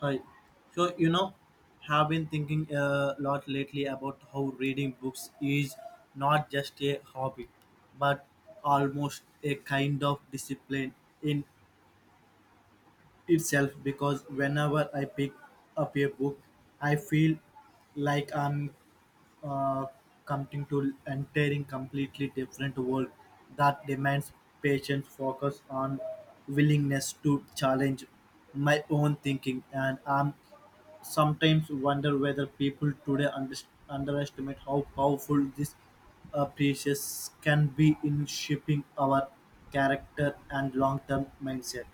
Hi. So, you know, have been thinking a lot lately about how reading books is not just a hobby, but almost a kind of discipline in itself because whenever I pick up a book, I feel like I'm uh, coming to entering completely different world that demands patience, focus on willingness to challenge my own thinking and I'm sometimes wonder whether people today underestimate how powerful these precious can be in shaping our character and long-term mindset.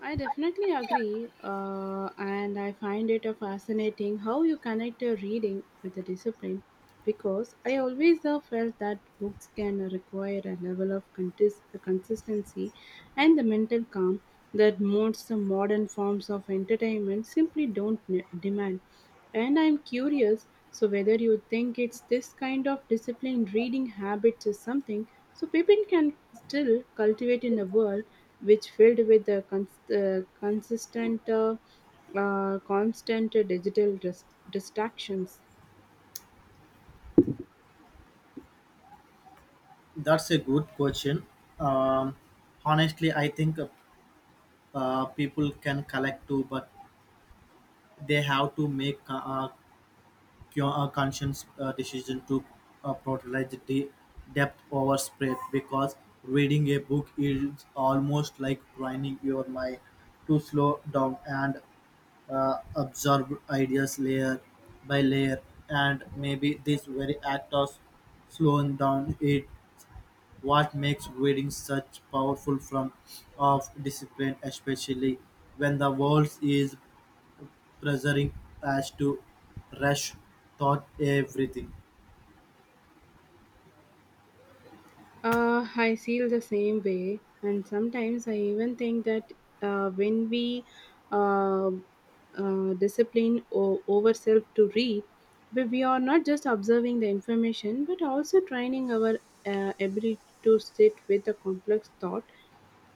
I definitely agree, and I find it a fascinating how you connect your reading with the discipline because I always have felt that books can require a level of consistency and the mental calm that most modern forms of entertainment simply don't ne- demand. And I'm curious, so whether you think it's this kind of disciplined reading habits is something so people can still cultivate in the world which filled with a consistent constant digital distractions. That's a good question. Um, Honestly, I think people can collect too, but they have to make a conscious decision to prioritize the depth over spread because reading a book is almost like training your mind to slow down and absorb ideas layer by layer. And maybe this very act of slowing down it what makes reading such powerful form of discipline, especially when the world is pressuring us to rush thought everything. I feel the same way and sometimes I even think that when we uh, discipline ourselves to read, we are not just observing the information but also training our ability to sit with a complex thought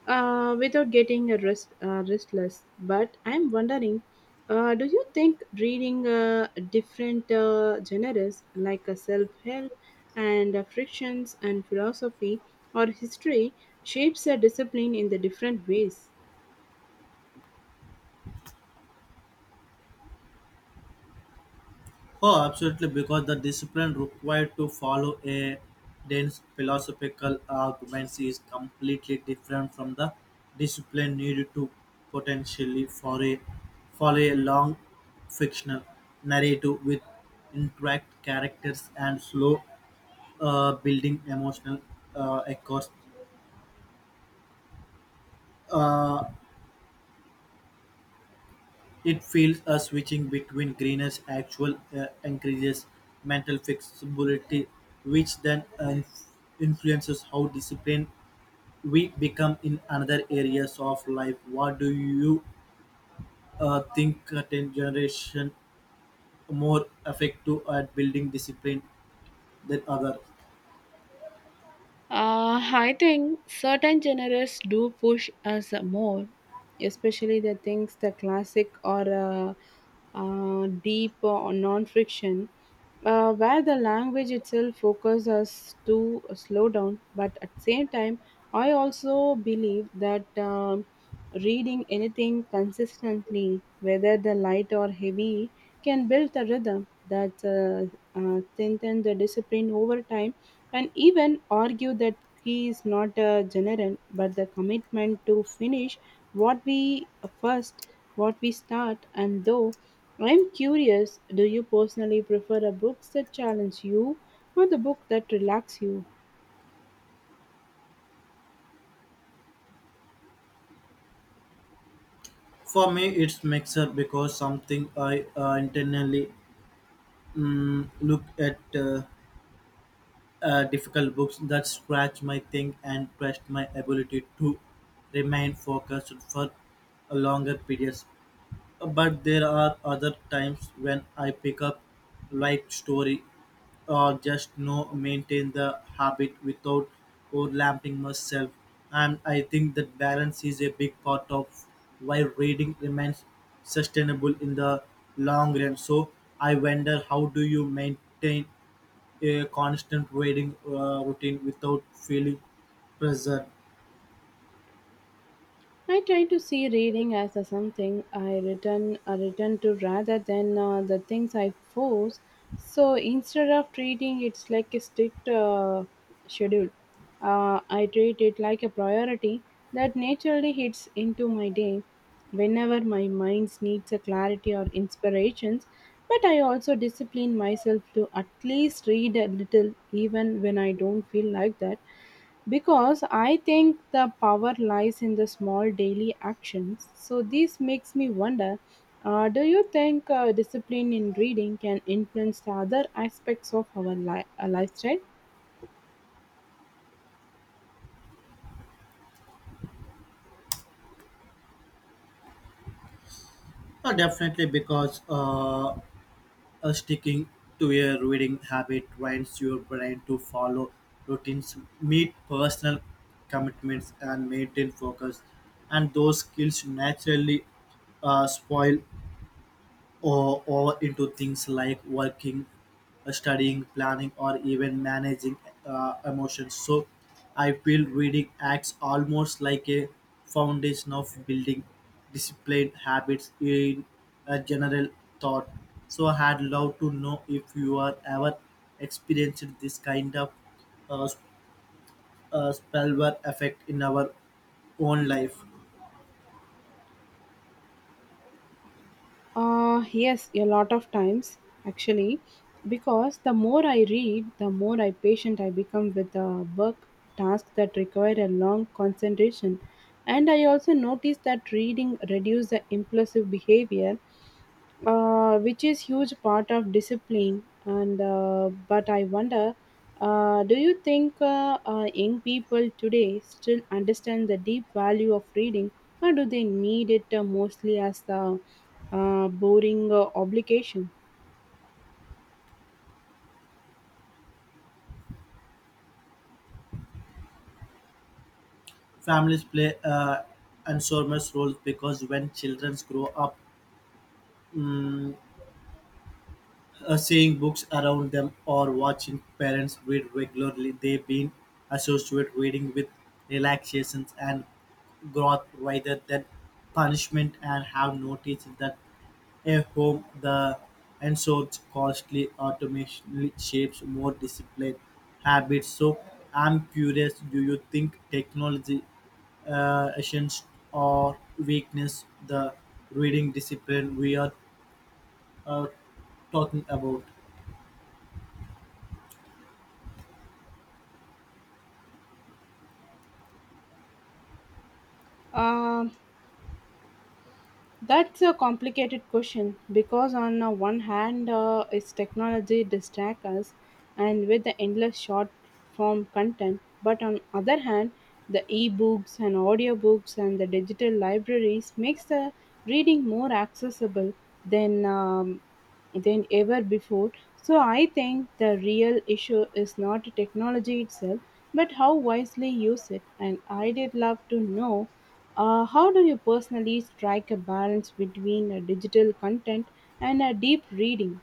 without getting a restless. But I'm wondering, do you think reading different genres like self-help and frictions and philosophy or history shapes a discipline in the different ways? Oh, absolutely, because the discipline required to follow a dense philosophical arguments is completely different from the discipline needed to potentially for a follow a long fictional narrative with interact characters and slow building emotional echoes. Uh, It feels a switching between Greener's actual increases mental flexibility, which then influences how disciplined we become in another areas of life. What do you think a Ten generation more effective at building discipline than other? I think certain genres do push us more, especially the things the classic or deep or non-fiction, where the language itself focuses us to slow down. But at the same time, I also believe that reading anything consistently, whether the light or heavy, can build a rhythm that strengthens the discipline over time and even argue that he is not a general but the commitment to finish what we first what we start. And though, I'm curious, do you personally prefer a books that challenge you or the book that relax you? For me, it's mixer because something I internally look at. Difficult books that scratch my thing and test my ability to remain focused for a longer periods. But there are other times when I pick up light story or just no maintain the habit without overlapping myself. And I think that balance is a big part of why reading remains sustainable in the long run. So I wonder how do you maintain a constant reading routine without feeling pressure. I try to see reading as a something I return to rather than the things I force. So instead of treating it's like a strict schedule, I treat it like a priority that naturally hits into my day whenever my mind needs a clarity or inspirations. But I also discipline myself to at least read a little even when I don't feel like that because I think the power lies in the small daily actions. So this makes me wonder, do you think discipline in reading can influence the other aspects of our lifestyle? Definitely, because sticking to a reading habit trains your brain to follow routines, meet personal commitments, and maintain focus. And those skills naturally spoil or into things like working, studying, planning, or even managing emotions. So I feel reading acts almost like a foundation of building disciplined habits in a general thought. So I had loved to know if you are ever experienced this kind of uh, s- spillover effect in our own life. Yes, a lot of times actually, because the more I read, the more I patient I become with the work tasks that require a long concentration. And I also notice that reading reduce the impulsive behavior which is huge part of discipline. And But I wonder, do you think young people today still understand the deep value of reading, or do they need it mostly as the boring obligation? Families play enormous roles because when children grow up Mm, seeing books around them or watching parents read regularly, they been associate reading with relaxations and growth rather than punishment and have noticed that at home the ensured costly automation shapes more disciplined habits. So I'm curious, do you think technology essence or weakness the reading discipline we are uh, talking about? Uh, That's a complicated question because, on the one hand, its technology distracts us and with the endless short form content, but on other hand, the e-books and audiobooks and the digital libraries makes the reading more accessible than um, than ever before. So I think the real issue is not technology itself, but how wisely use it. And I did love to know, how do you personally strike a balance between a digital content and a deep reading?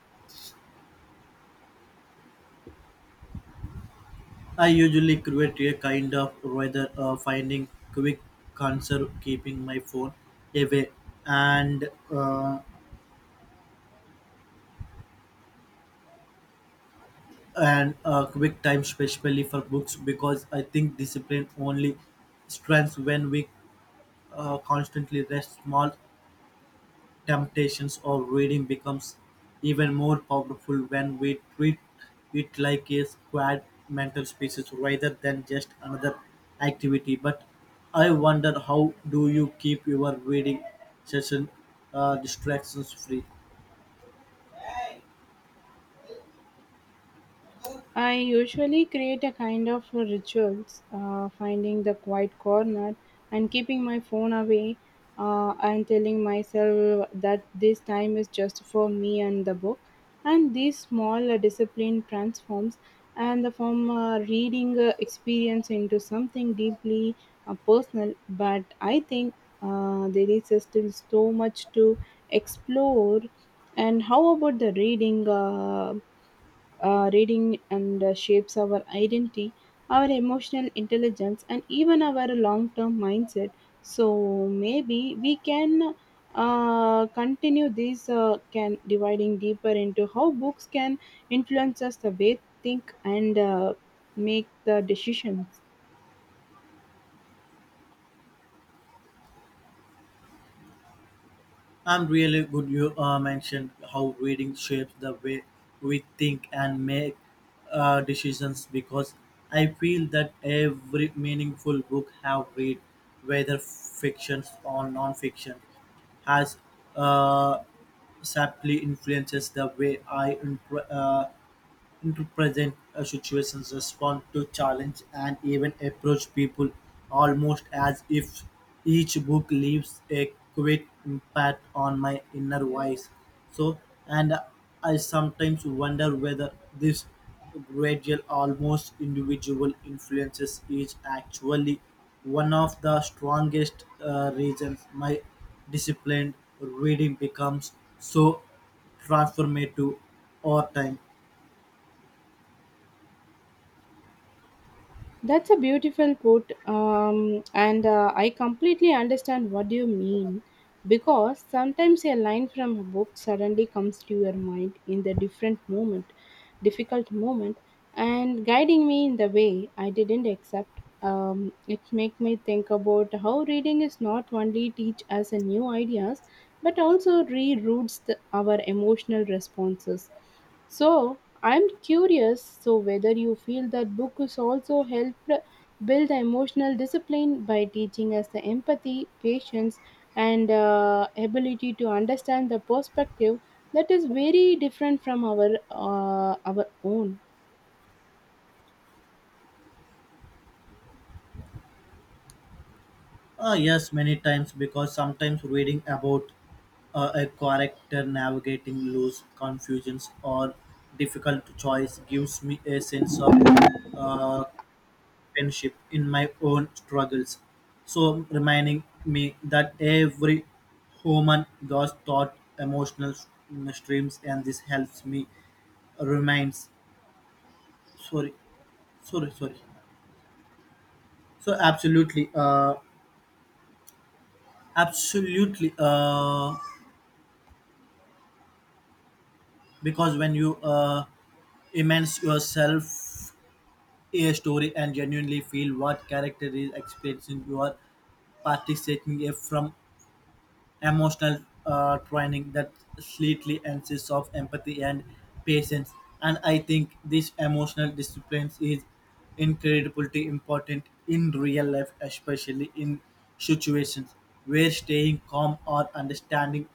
I usually create a kind of rather finding quick answer, keeping my phone away, and uh, and quick time, especially for books, because I think discipline only strengths when we constantly rest small temptations of reading becomes even more powerful when we treat it like a squad mental species rather than just another activity. But I wonder how do you keep your reading session distractions free? I usually create a kind of rituals, finding the quiet corner and keeping my phone away, and telling myself that this time is just for me and the book. And this small discipline transforms and the from reading experience into something deeply personal. But I think there is still so much to explore. And how about the reading? Reading and shapes our identity, our emotional intelligence, and even our long term mindset. So maybe we can continue this can dividing deeper into how books can influence us the way think and make the decisions. I'm really good. You mentioned how reading shapes the way we think and make decisions because I feel that every meaningful book have read, whether fiction or non-fiction, has uh, subtly influences the way I into present situations, respond to challenge, and even approach people almost as if each book leaves a quick impact on my inner voice. So, and I sometimes wonder whether this gradual, almost individual influences is actually one of the strongest reasons my disciplined reading becomes so transformative over time. That's a beautiful put, and I completely understand what you mean because sometimes a line from a book suddenly comes to your mind in the different moment, difficult moment, and guiding me in the way I didn't accept. It make me think about how reading is not only teach us a new ideas, but also reroutes our emotional responses. So I'm curious so whether you feel that book has also helped build emotional discipline by teaching us the empathy, patience, and ability to understand the perspective that is very different from our own. Yes, many times because sometimes reading about a character navigating loose confusions or difficult choice gives me a sense of uh, kinship in my own struggles. So reminding me that every human goes thought emotional streams and this helps me reminds sorry sorry sorry so absolutely absolutely because when you immerse yourself in a story and genuinely feel what character is experiencing. You are participating from emotional training that slightly insists of empathy and patience. And I think this emotional discipline is incredibly important in real life, especially in situations where staying calm or understanding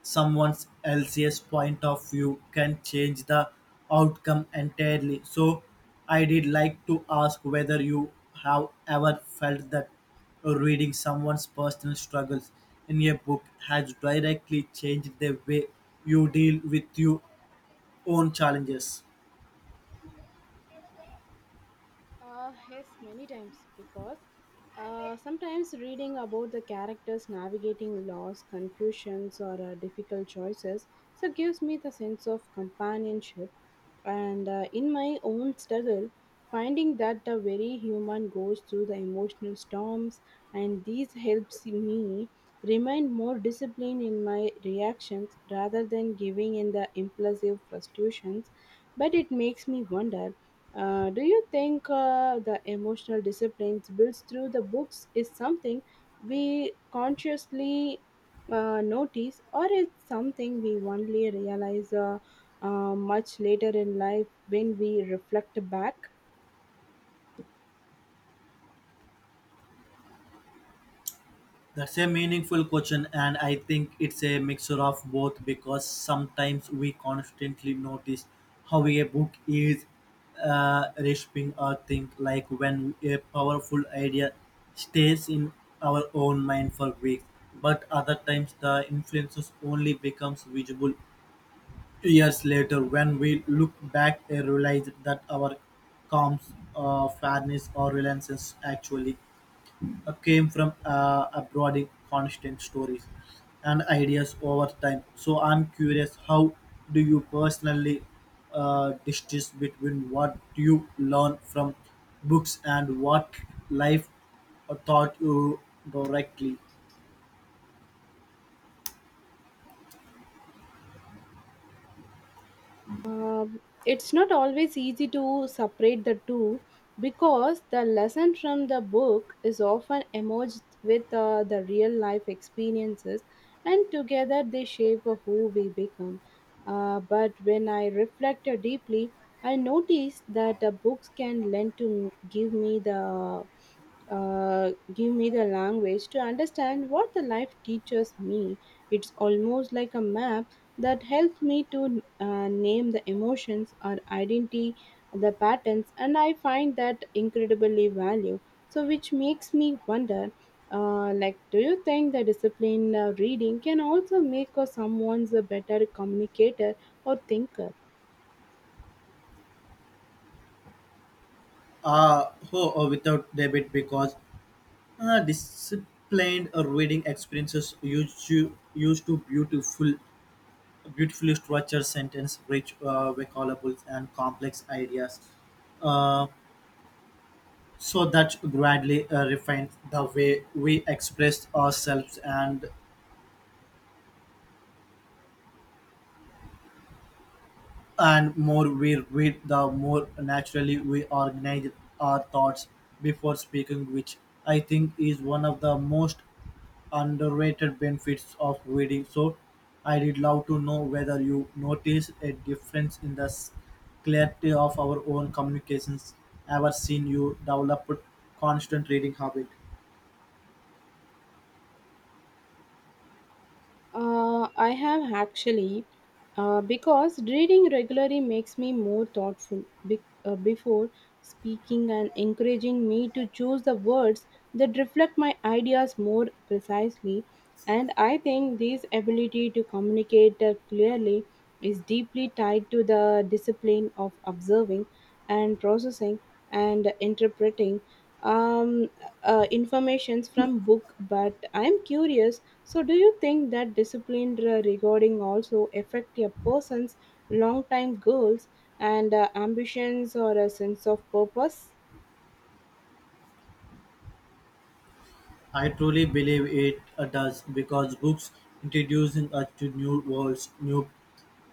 someone else's point of view can change the outcome entirely. So I did like to ask whether you have ever felt that reading someone's personal struggles in a book has directly changed the way you deal with your own challenges. Yes, many times because sometimes reading about the characters navigating loss, confusions, or difficult choices so gives me the sense of companionship. And in my own struggle, finding that the very human goes through the emotional storms, and these helps me remain more disciplined in my reactions rather than giving in the impulsive frustrations. But it makes me wonder, do you think the emotional disciplines built through the books is something we consciously notice, or it's something we only realize much later in life when we reflect back? That's a meaningful question, and I think it's a mixture of both because sometimes we constantly notice how a book is reshaping our think, like when a powerful idea stays in our own mind for weeks, but other times the influences only becomes visible years later when we look back and realize that our fairness, or reliance actually came from abroading constant stories and ideas over time. So I'm curious, how do you personally distinguish between what you learn from books and what life taught you directly? It's not always easy to separate the two because the lesson from the book is often emerged with the real life experiences and together they shape who we become. But when I reflect deeply, I notice that the books can lend to give me the language to understand what the life teaches me. It's almost like a map that helps me to name the emotions or identity the patterns, and I find that incredibly value, so which makes me wonder, do you think the discipline reading can also make someone's a better communicator or thinker? Uh, oh, Without debit because disciplined reading experiences used to beautiful beautifully structured sentence, rich recallable and complex ideas, uh, so that gradually refines the way we express ourselves and more we read, the more naturally we organize our thoughts before speaking, which I think is one of the most underrated benefits of reading. So, I did love to know whether you notice a difference in the clarity of our own communications. Ever seen you develop a constant reading habit? I have actually, because reading regularly makes me more thoughtful before speaking and encouraging me to choose the words that reflect my ideas more precisely. And I think this ability to communicate clearly is deeply tied to the discipline of observing and processing and interpreting um, informations from book. But I'm curious, so do you think that disciplined regarding also affect a person's long-time goals and ambitions or a sense of purpose? I truly believe it does because books introducing us to new worlds, new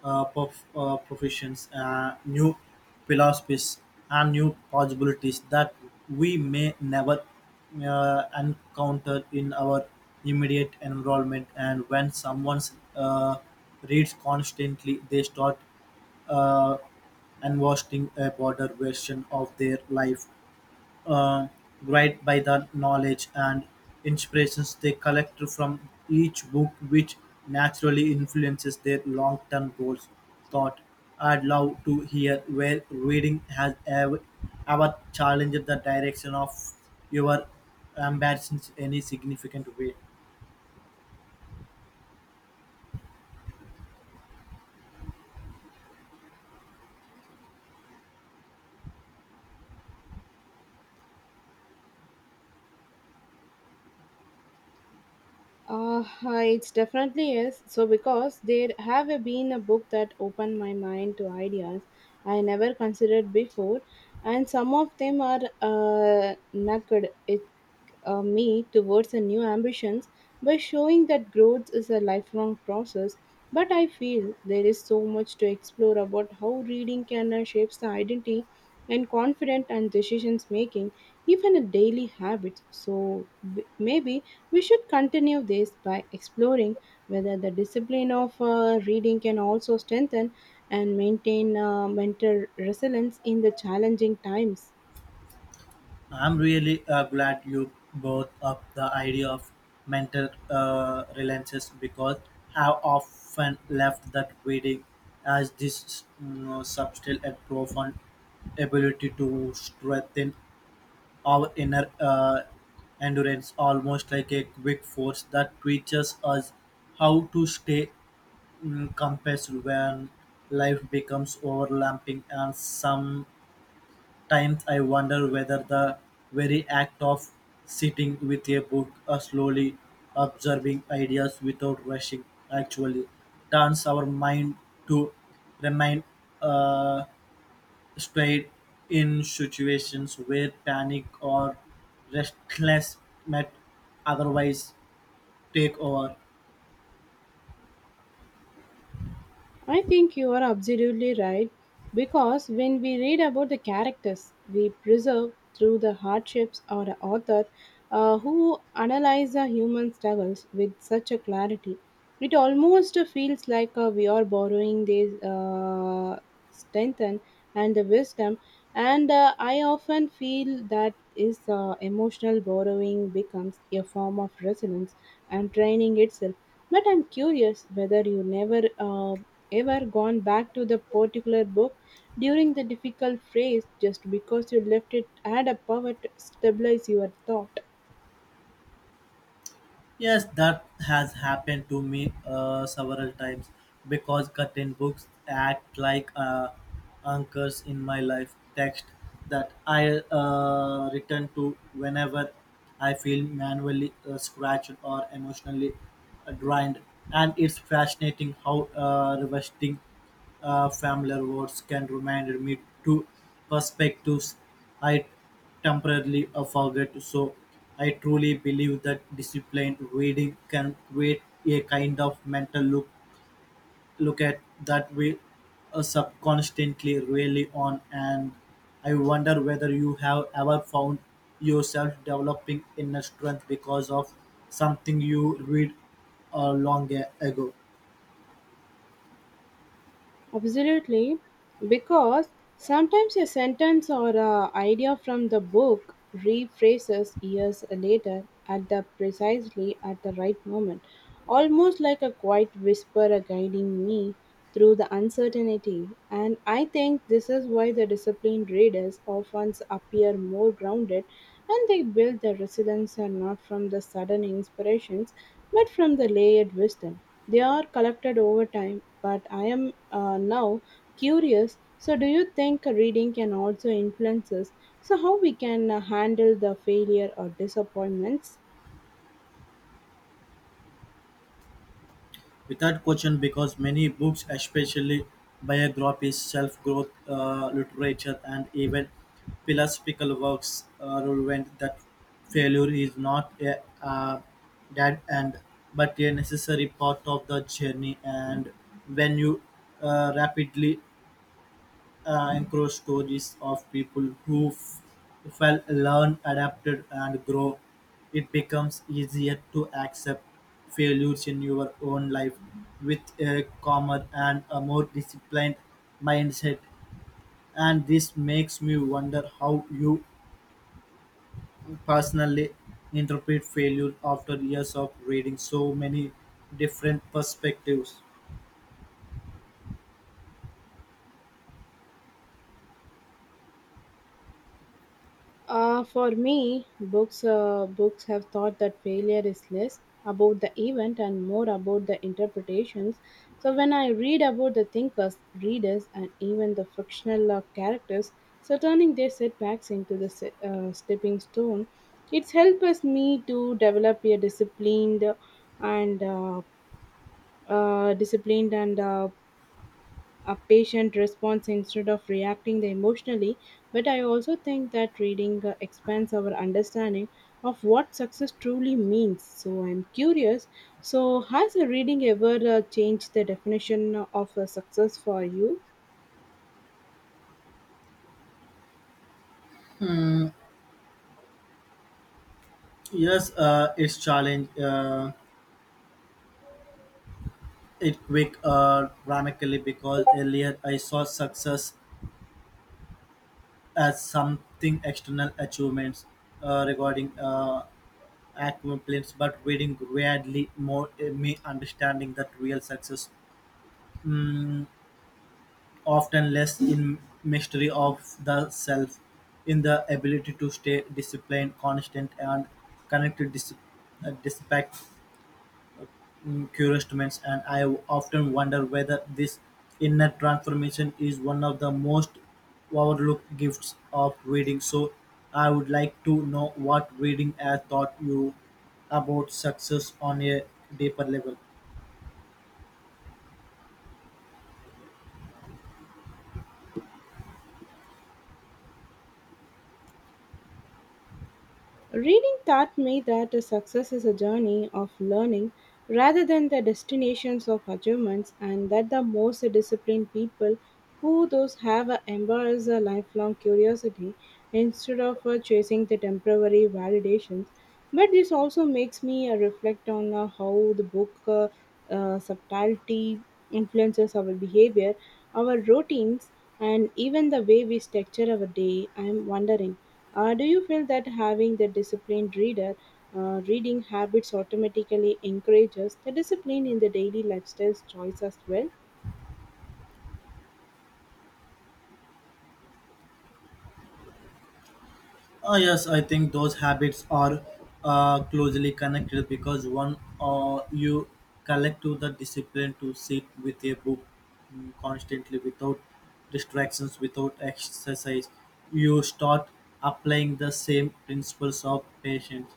uh, prof- uh, professions, new philosophies, and new possibilities that we may never encounter in our immediate environment. And when someone uh, reads constantly, they start uh, investing a broader version of their life uh, guided by the knowledge and inspirations they collect from each book, which naturally influences their long term goals. Thought I'd love to hear where reading has ever challenged the direction of your ambitions in any significant way. It definitely is. So, because there have been a book that opened my mind to ideas I never considered before, and some of them are naked. It me towards a new ambitions by showing that growth is a lifelong process. But I feel there is so much to explore about how reading can shapes the identity and confident and decisions making even a daily habit. So, maybe we should continue this by exploring whether the discipline of reading can also strengthen and maintain mental resilience in the challenging times. I'm really glad you brought up the idea of mental relances because I've often left that reading as this you know, subtle and profound ability to strengthen our inner endurance, almost like a quick force that teaches us how to stay compassed when life becomes overlapping and some times I wonder whether the very act of sitting with a book or slowly observing ideas without rushing actually turns our mind to remain uh, straight in situations where panic or restlessness might otherwise take over. I think you are absolutely right because when we read about the characters we preserve through the hardships or the author who analyze the human struggles with such a clarity, it almost feels like we are borrowing their strength and the wisdom. And I often feel that is emotional borrowing becomes a form of resilience and training itself. But I'm curious whether you never ever gone back to the particular book during the difficult phase just because you left it had a power to stabilize your thought. Yes, that has happened to me several times because certain books act like anchors in my life text that I return to whenever I feel manually scratched or emotionally drained. And it's fascinating how revisiting familiar words can remind me to perspectives I temporarily forget, so I truly believe that disciplined reading can create a kind of mental look at that we subconsciously rely on and I wonder whether you have ever found yourself developing inner strength because of something you read long ago. Absolutely, because sometimes a sentence or a idea from the book rephrases years later at the precisely at the right moment, almost like a quiet whisper a guiding me through the uncertainty. And I think this is why the disciplined readers often appear more grounded and they build their resilience and not from the sudden inspirations but from the layered wisdom. They are collected over time, but I am now curious. So, do you think reading can also influence us? So, how we can handle the failure or disappointments? Without question, because many books, especially biographies, self growth literature, and even philosophical works, relevant that failure is not a dead end but a necessary part of the journey. And when you rapidly includes stories of people who fell, learn, adapted, and grow. It becomes easier to accept failures in your own life with a calmer and a more disciplined mindset. And this makes me wonder how you personally interpret failure after years of reading so many different perspectives. For me, books have taught that failure is less about the event and more about the interpretations. So when I read about the thinkers, readers, and even the fictional characters, so turning their setbacks into the stepping stone, it's helped me to develop a disciplined and disciplined and a patient response instead of reacting emotionally. But I also think that reading expands our understanding of what success truly means. So I'm curious. So has a reading ever changed the definition of success for you? Yes, it's challenge. It quick dramatically because earlier I saw success as something external achievements regarding accomplishments, but reading gradually more me understanding that real success mm, often less in mystery of the self, in the ability to stay disciplined, constant, and connected despite encouragements, and I often wonder whether this inner transformation is one of the most overlooked gifts of reading. So, I would like to know what reading has taught you about success on a deeper level. Reading taught me that success is a journey of learning rather than the destinations of achievements, and that the most disciplined people who those have embrace a lifelong curiosity instead of chasing the temporary validations. But this also makes me reflect on how the book subtlety influences our behavior, our routines, and even the way we structure our day. I'm wondering, do you feel that having the disciplined reader reading habits automatically encourages the discipline in the daily lifestyle choice as well? Yes, I think those habits are closely connected because one you collect to the discipline to sit with a book constantly without distractions, without exercise. You start applying the same principles of patience,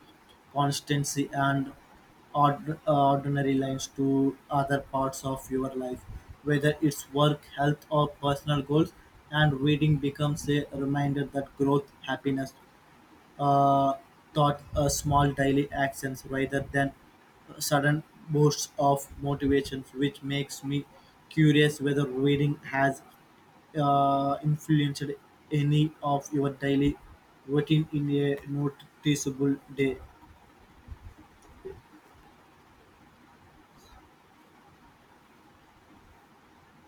constancy, and ordinary lines to other parts of your life, whether it's work, health, or personal goals. And reading becomes a reminder that growth, happiness, uh, thought small daily actions rather than sudden bursts of motivation, which makes me curious whether reading has influenced any of your daily routine in a noticeable day.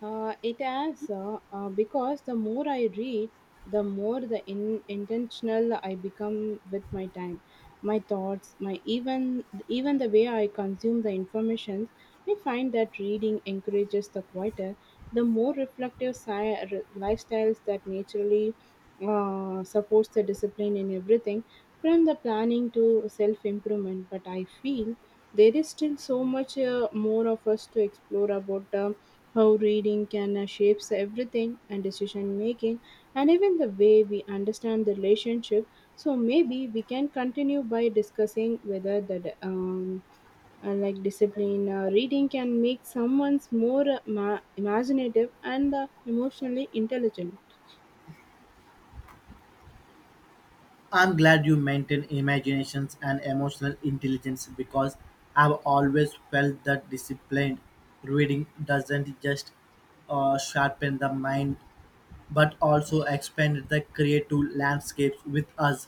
It has, because the more I read, the more intentional I become with my time, my thoughts, my even the way I consume the information. I find that reading encourages the quieter, the more lifestyles that naturally supports the discipline in everything, from the planning to self improvement. But I feel there is still so much more of us to explore about. How reading can shapes everything and decision making and even the way we understand the relationship, so maybe we can continue by discussing whether that like discipline reading can make someone's more imaginative and emotionally intelligent. I'm glad you maintain imaginations and emotional intelligence because I've always felt that disciplined reading doesn't just sharpen the mind but also expanded the creative landscapes with us,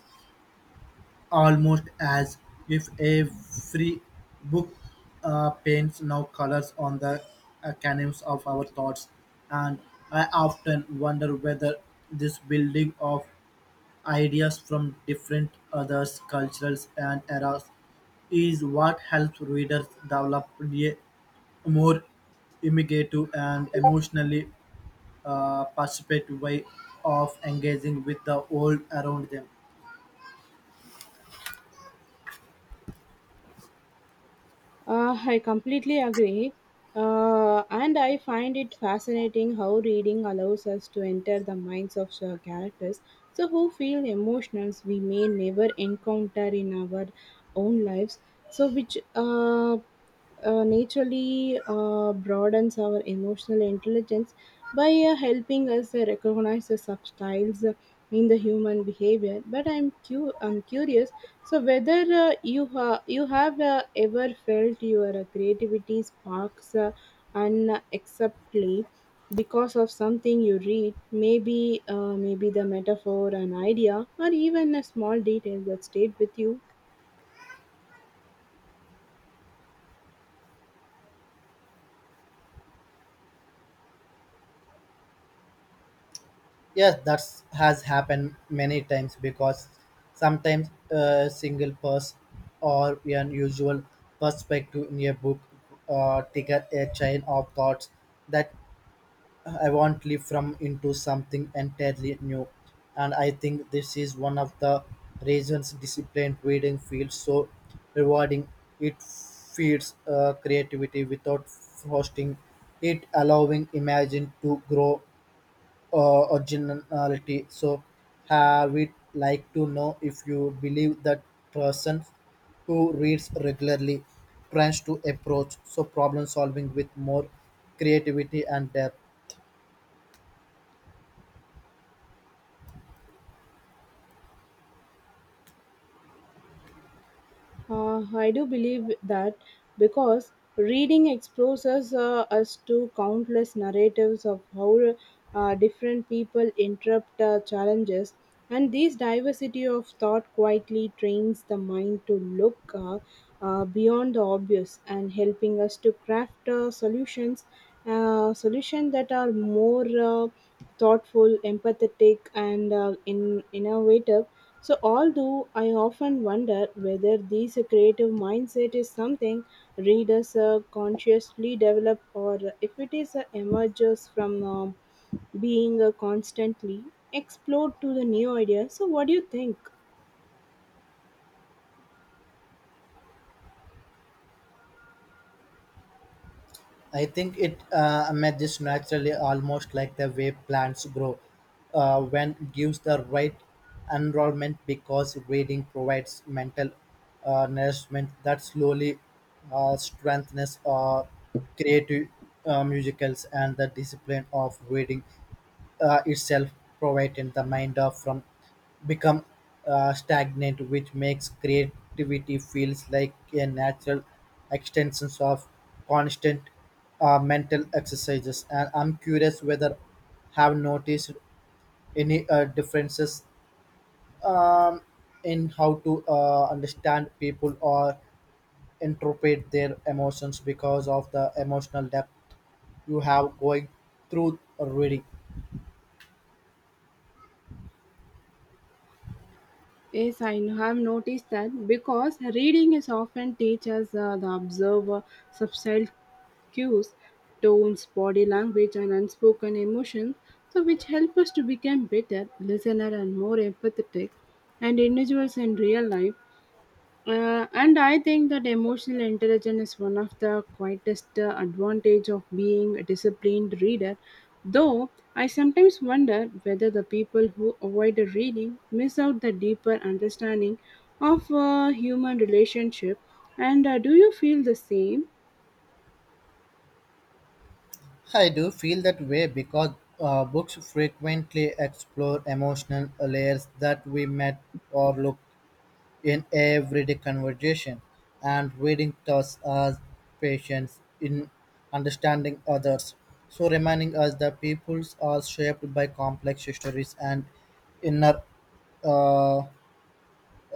almost as if every book paints now colors on the canvas of our thoughts. And I often wonder whether this building of ideas from different others, cultures, and eras is what helps readers develop a more imaginative and emotionally participative way of engaging with the world around them. I completely agree. And I find it fascinating how reading allows us to enter the minds of characters so who feel emotions we may never encounter in our own lives, so which naturally broadens our emotional intelligence by helping us recognize the subtitles in the human behavior. But I'm curious. So whether you have ever felt your creativity sparks unacceptably because of something you read, maybe maybe the metaphor, an idea, or even a small detail that stayed with you. Yes, that has happened many times because sometimes a single person or an usual perspective in a book trigger a chain of thoughts that I want leap from into something entirely new. And I think this is one of the reasons disciplined reading feels so rewarding. It feeds creativity without frosting it, allowing imagine to grow originality. So, have we'd like to know if you believe that person who reads regularly tries to approach so problem solving with more creativity and depth. I do believe that because reading exposes us to countless narratives of how different people interrupt challenges, and this diversity of thought quietly trains the mind to look beyond the obvious and helping us to craft solutions that are more thoughtful, empathetic, and innovative. So, although I often wonder whether this creative mindset is something readers consciously develop or if it is emerges from being constantly explored to the new ideas. So, what do you think? I think it emerges naturally, almost like the way plants grow, when it gives the right enrollment because breeding provides mental nourishment that slowly strengthens our creative musicals, and the discipline of reading itself prevented the mind of from become stagnant, which makes creativity feels like a natural extension of constant mental exercises. And I'm curious whether have noticed any differences, um, in how to understand people or interpret their emotions because of the emotional depth you have going through reading. Yes, I have noticed that because reading is often teaches the observer subtle cues, tones, body language, and unspoken emotions, so which help us to become better listener and more empathetic and individuals in real life. And I think that emotional intelligence is one of the quietest advantage of being a disciplined reader. Though I sometimes wonder whether the people who avoid the reading miss out the deeper understanding of human relationship. And do you feel the same? I do feel that way because books frequently explore emotional layers that we met or look in everyday conversation, and reading thus us patience in understanding others. So, reminding us that peoples are shaped by complex histories and inner uh,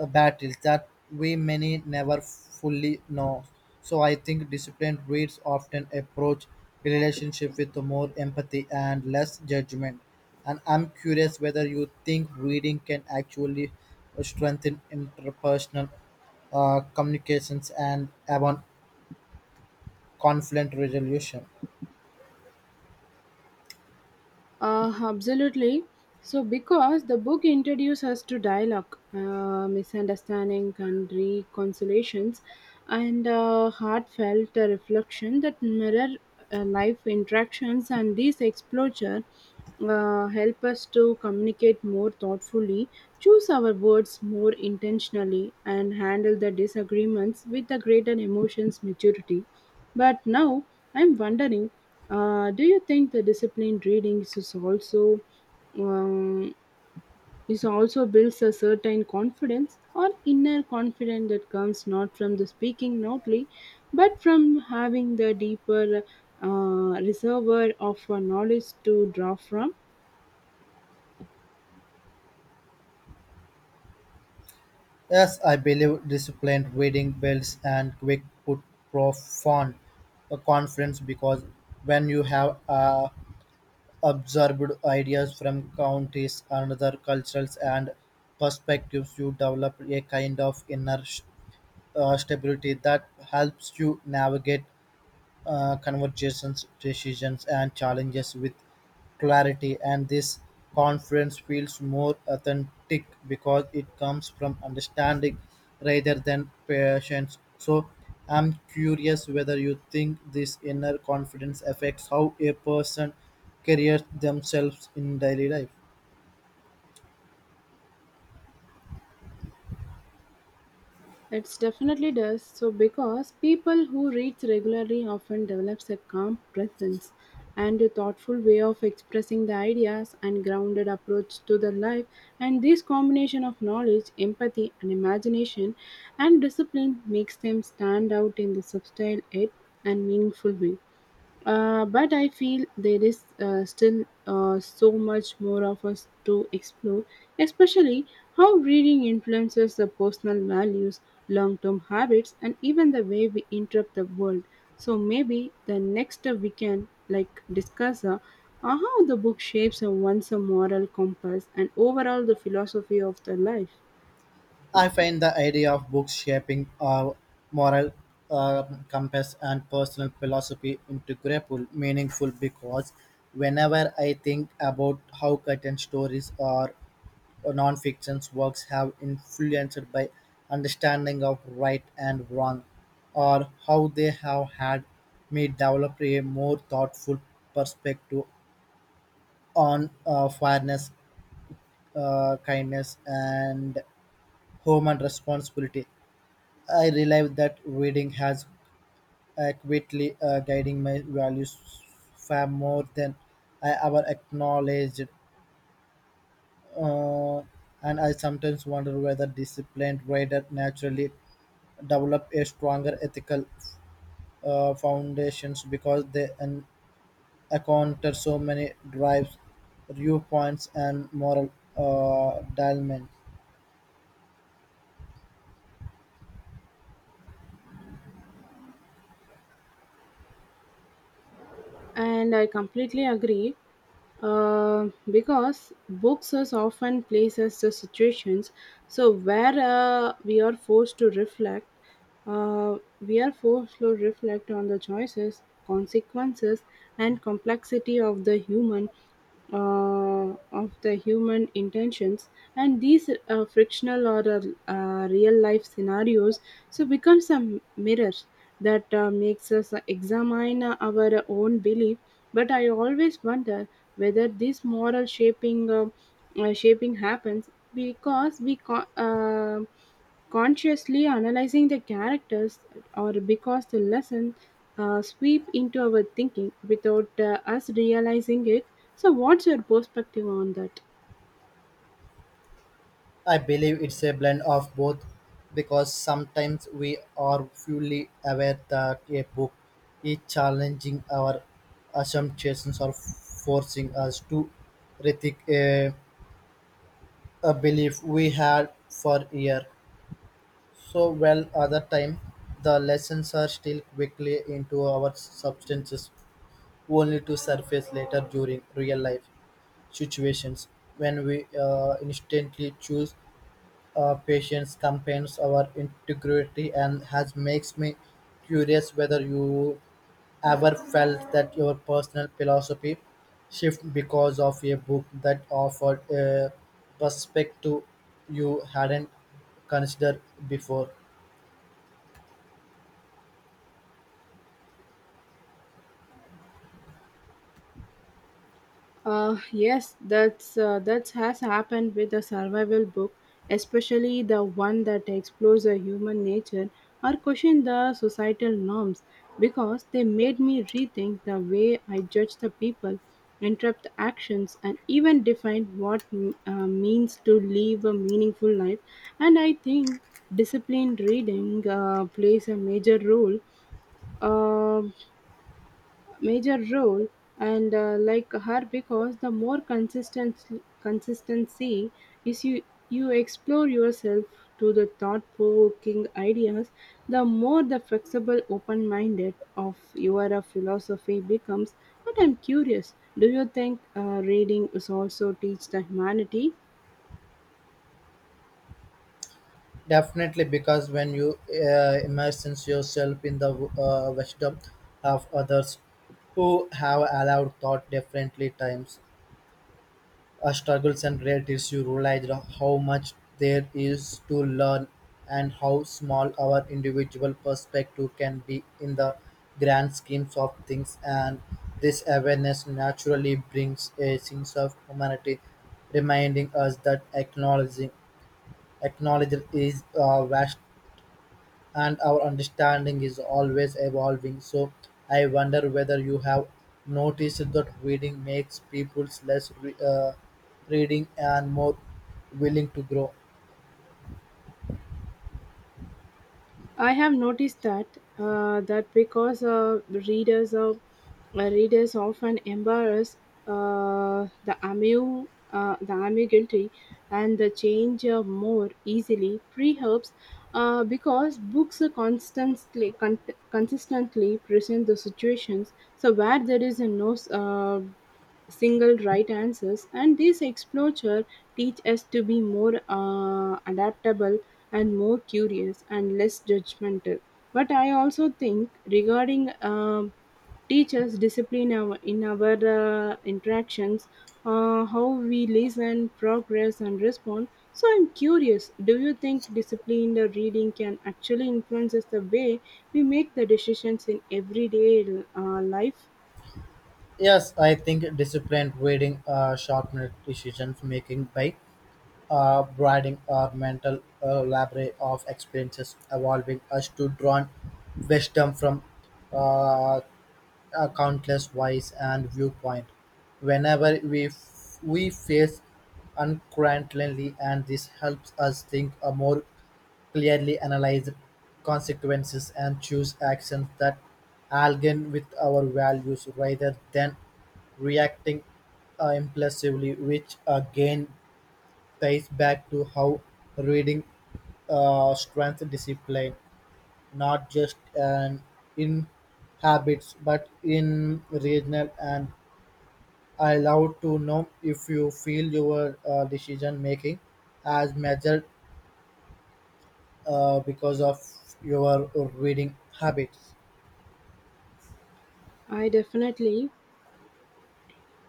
battles that we many never fully know. So I think disciplined reads often approach relationship with more empathy and less judgment. And I'm curious whether you think reading can actually strengthen interpersonal communications and even conflict resolution. Absolutely. So, because the book introduces us to dialogue, misunderstanding, and reconciliations, and heartfelt reflection that mirror life interactions, and these exposure help us to communicate more thoughtfully, choose our words more intentionally, and handle the disagreements with a greater emotions maturity. But now I'm wondering, do you think the disciplined reading um, is also builds a certain confidence or inner confidence that comes not from the speaking loudly, but from having the deeper uh, reservoir of knowledge to draw from? Yes, I believe disciplined reading builds and quick put profound confidence because when you have absorbed ideas from counties and other cultures and perspectives. You develop a kind of inner stability that helps you navigate conversations, decisions, and challenges with clarity. And this confidence feels more authentic because it comes from understanding rather than patience. So I'm curious whether you think this inner confidence affects how a person carries themselves in daily life. It definitely does. So, because people who reads regularly often develops a calm presence and a thoughtful way of expressing the ideas and grounded approach to the life, and this combination of knowledge empathy and imagination and discipline makes them stand out in the subtle yet and meaningful way. But I feel there is still so much more of us to explore, especially how reading influences the personal values, long term habits, and even the way we interpret the world. So maybe the next we can like discuss how the book shapes a one's a moral compass and overall the philosophy of the life. I find the idea of books shaping our moral compass and personal philosophy into grapple meaningful because whenever I think about how certain stories or non-fiction works have influenced by understanding of right and wrong, or how they have had me develop a more thoughtful perspective on fairness, kindness, and human responsibility. I realized that reading has accurately guiding my values far more than I ever acknowledged. Uh, and I sometimes wonder whether disciplined reader naturally develop a stronger ethical foundations because they encounter so many drives, viewpoints, and moral dilemmas. And I completely agree because books is often places the situations so where we are forced to reflect on the choices consequences and complexity uh, of the human intentions, and these frictional or real life scenarios so becomes a mirror that makes us examine our own belief. But I always wonder whether this moral shaping happens because we consciously analyzing the characters or because the lesson sweep into our thinking without us realizing it. So what's your perspective on that? I believe it's a blend of both because sometimes we are fully aware that a book is challenging our assumptions or forcing us to rethink a belief we had for years. So well other time the lessons are still quickly into our substances, only to surface later during real life situations when we instantly choose patience campaigns our integrity, and has makes me curious whether you ever felt that your personal philosophy shift because of a book that offered a perspective you hadn't considered before. Yes, that has happened with a survival book, especially the one that explores a human nature or question the societal norms, because they made me rethink the way I judge the people, interrupt the actions, and even define what means to live a meaningful life. And I think disciplined reading plays a major role. Um major role. And like her, because the more consistent consistency is you explore yourself to the thought provoking ideas, the more the flexible open minded of your philosophy becomes. But I'm curious, do you think reading is also teach the humanity? Definitely, because when you immerse yourself in the wisdom of others who have allowed thought differently times struggles and realities, you realize how much there is to learn and how small our individual perspective can be in the grand schemes of things. And this awareness naturally brings a sense of humanity, reminding us that acknowledging is vast and our understanding is always evolving. So I wonder whether you have noticed that reading makes people less reading and more willing to grow. I have noticed that that because readers often embrace the ambiguity and the change more easily, perhaps because books are consistently present the situations so where there is a no single right answers, and this exposure teach us to be more adaptable and more curious and less judgmental. But I also think regarding teachers discipline our, in our interactions, how we listen, progress, and respond. So I'm curious, do you think disciplined reading can actually influences the way we make the decisions in everyday life? Yes, I think disciplined reading sharpened decision making by broadening our mental library of experiences, evolving us to draw wisdom from uh, countless ways and viewpoint. Whenever we face uncertainty, and this helps us think a more clearly, analyze consequences, and choose actions that align with our values rather than reacting impulsively, which again ties back to how reading strength discipline, not just an in habits but in regional. And I love to know if you feel your decision making as measured because of your reading habits. I definitely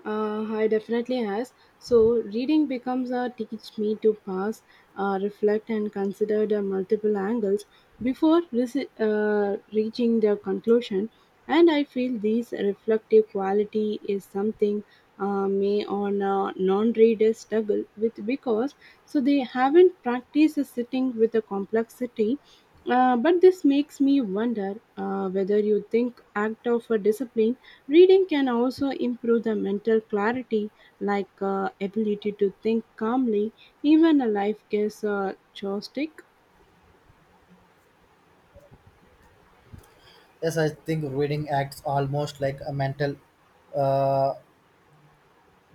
I definitely has. So reading becomes a teach me to pass, reflect, and consider the multiple angles before reaching the conclusion. And I feel this reflective quality is something may on non-readers struggle with because so they haven't practiced sitting with the complexity. But this makes me wonder whether you think act of a discipline reading can also improve the mental clarity, like ability to think calmly even a life gets chaotic. Yes, I think reading acts almost like a mental uh,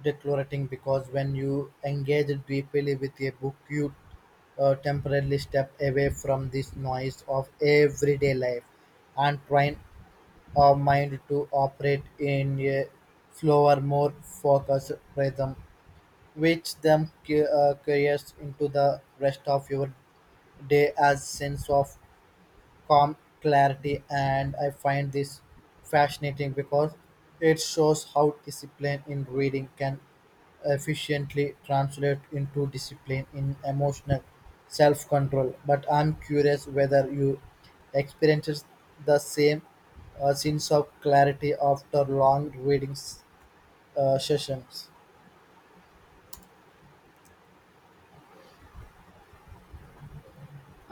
declarating because when you engage deeply with a book, you temporarily step away from this noise of everyday life and train our mind to operate in a slower, more focused rhythm, which then carries into the rest of your day as sense of calm clarity. And I find this fascinating because it shows how discipline in reading can efficiently translate into discipline in emotional self-control. But I'm curious whether you experiences the same sense of clarity after long reading sessions.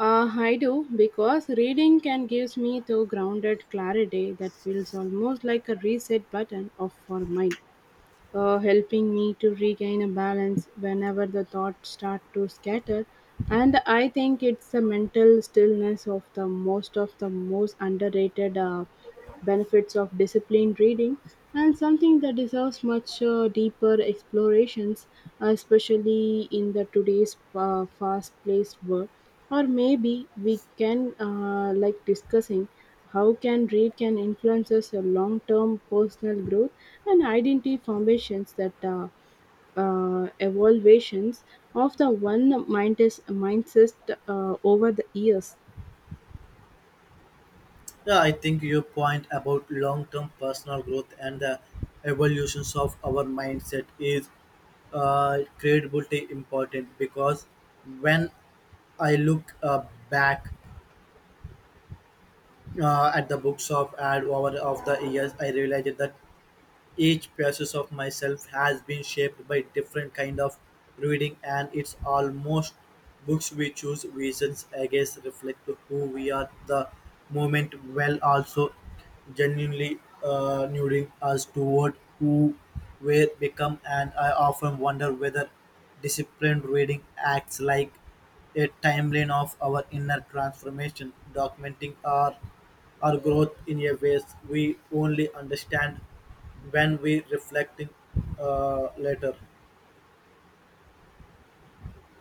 I do because reading can gives me the grounded clarity that feels almost like a reset button of for mind, helping me to regain a balance whenever the thoughts start to scatter. And I think it's the mental stillness of the most underrated benefits of disciplined reading and something that deserves much deeper explorations, especially in the today's fast-paced world. Or maybe we can like discussing how can read can influences your long-term personal growth and identity formations that evaluations of the one mindset mindset over the years. Yeah, I think your point about long term personal growth and the evolutions of our mindset is incredibly important because when I look back at the books of ad over of the years, I realized that each process of myself has been shaped by different kind of reading, and it's almost books we choose reasons against reflect who we are the moment while also genuinely nudging us toward who we become. And I often wonder whether disciplined reading acts like a timeline of our inner transformation, documenting our growth in a ways we only understand when we reflect it later.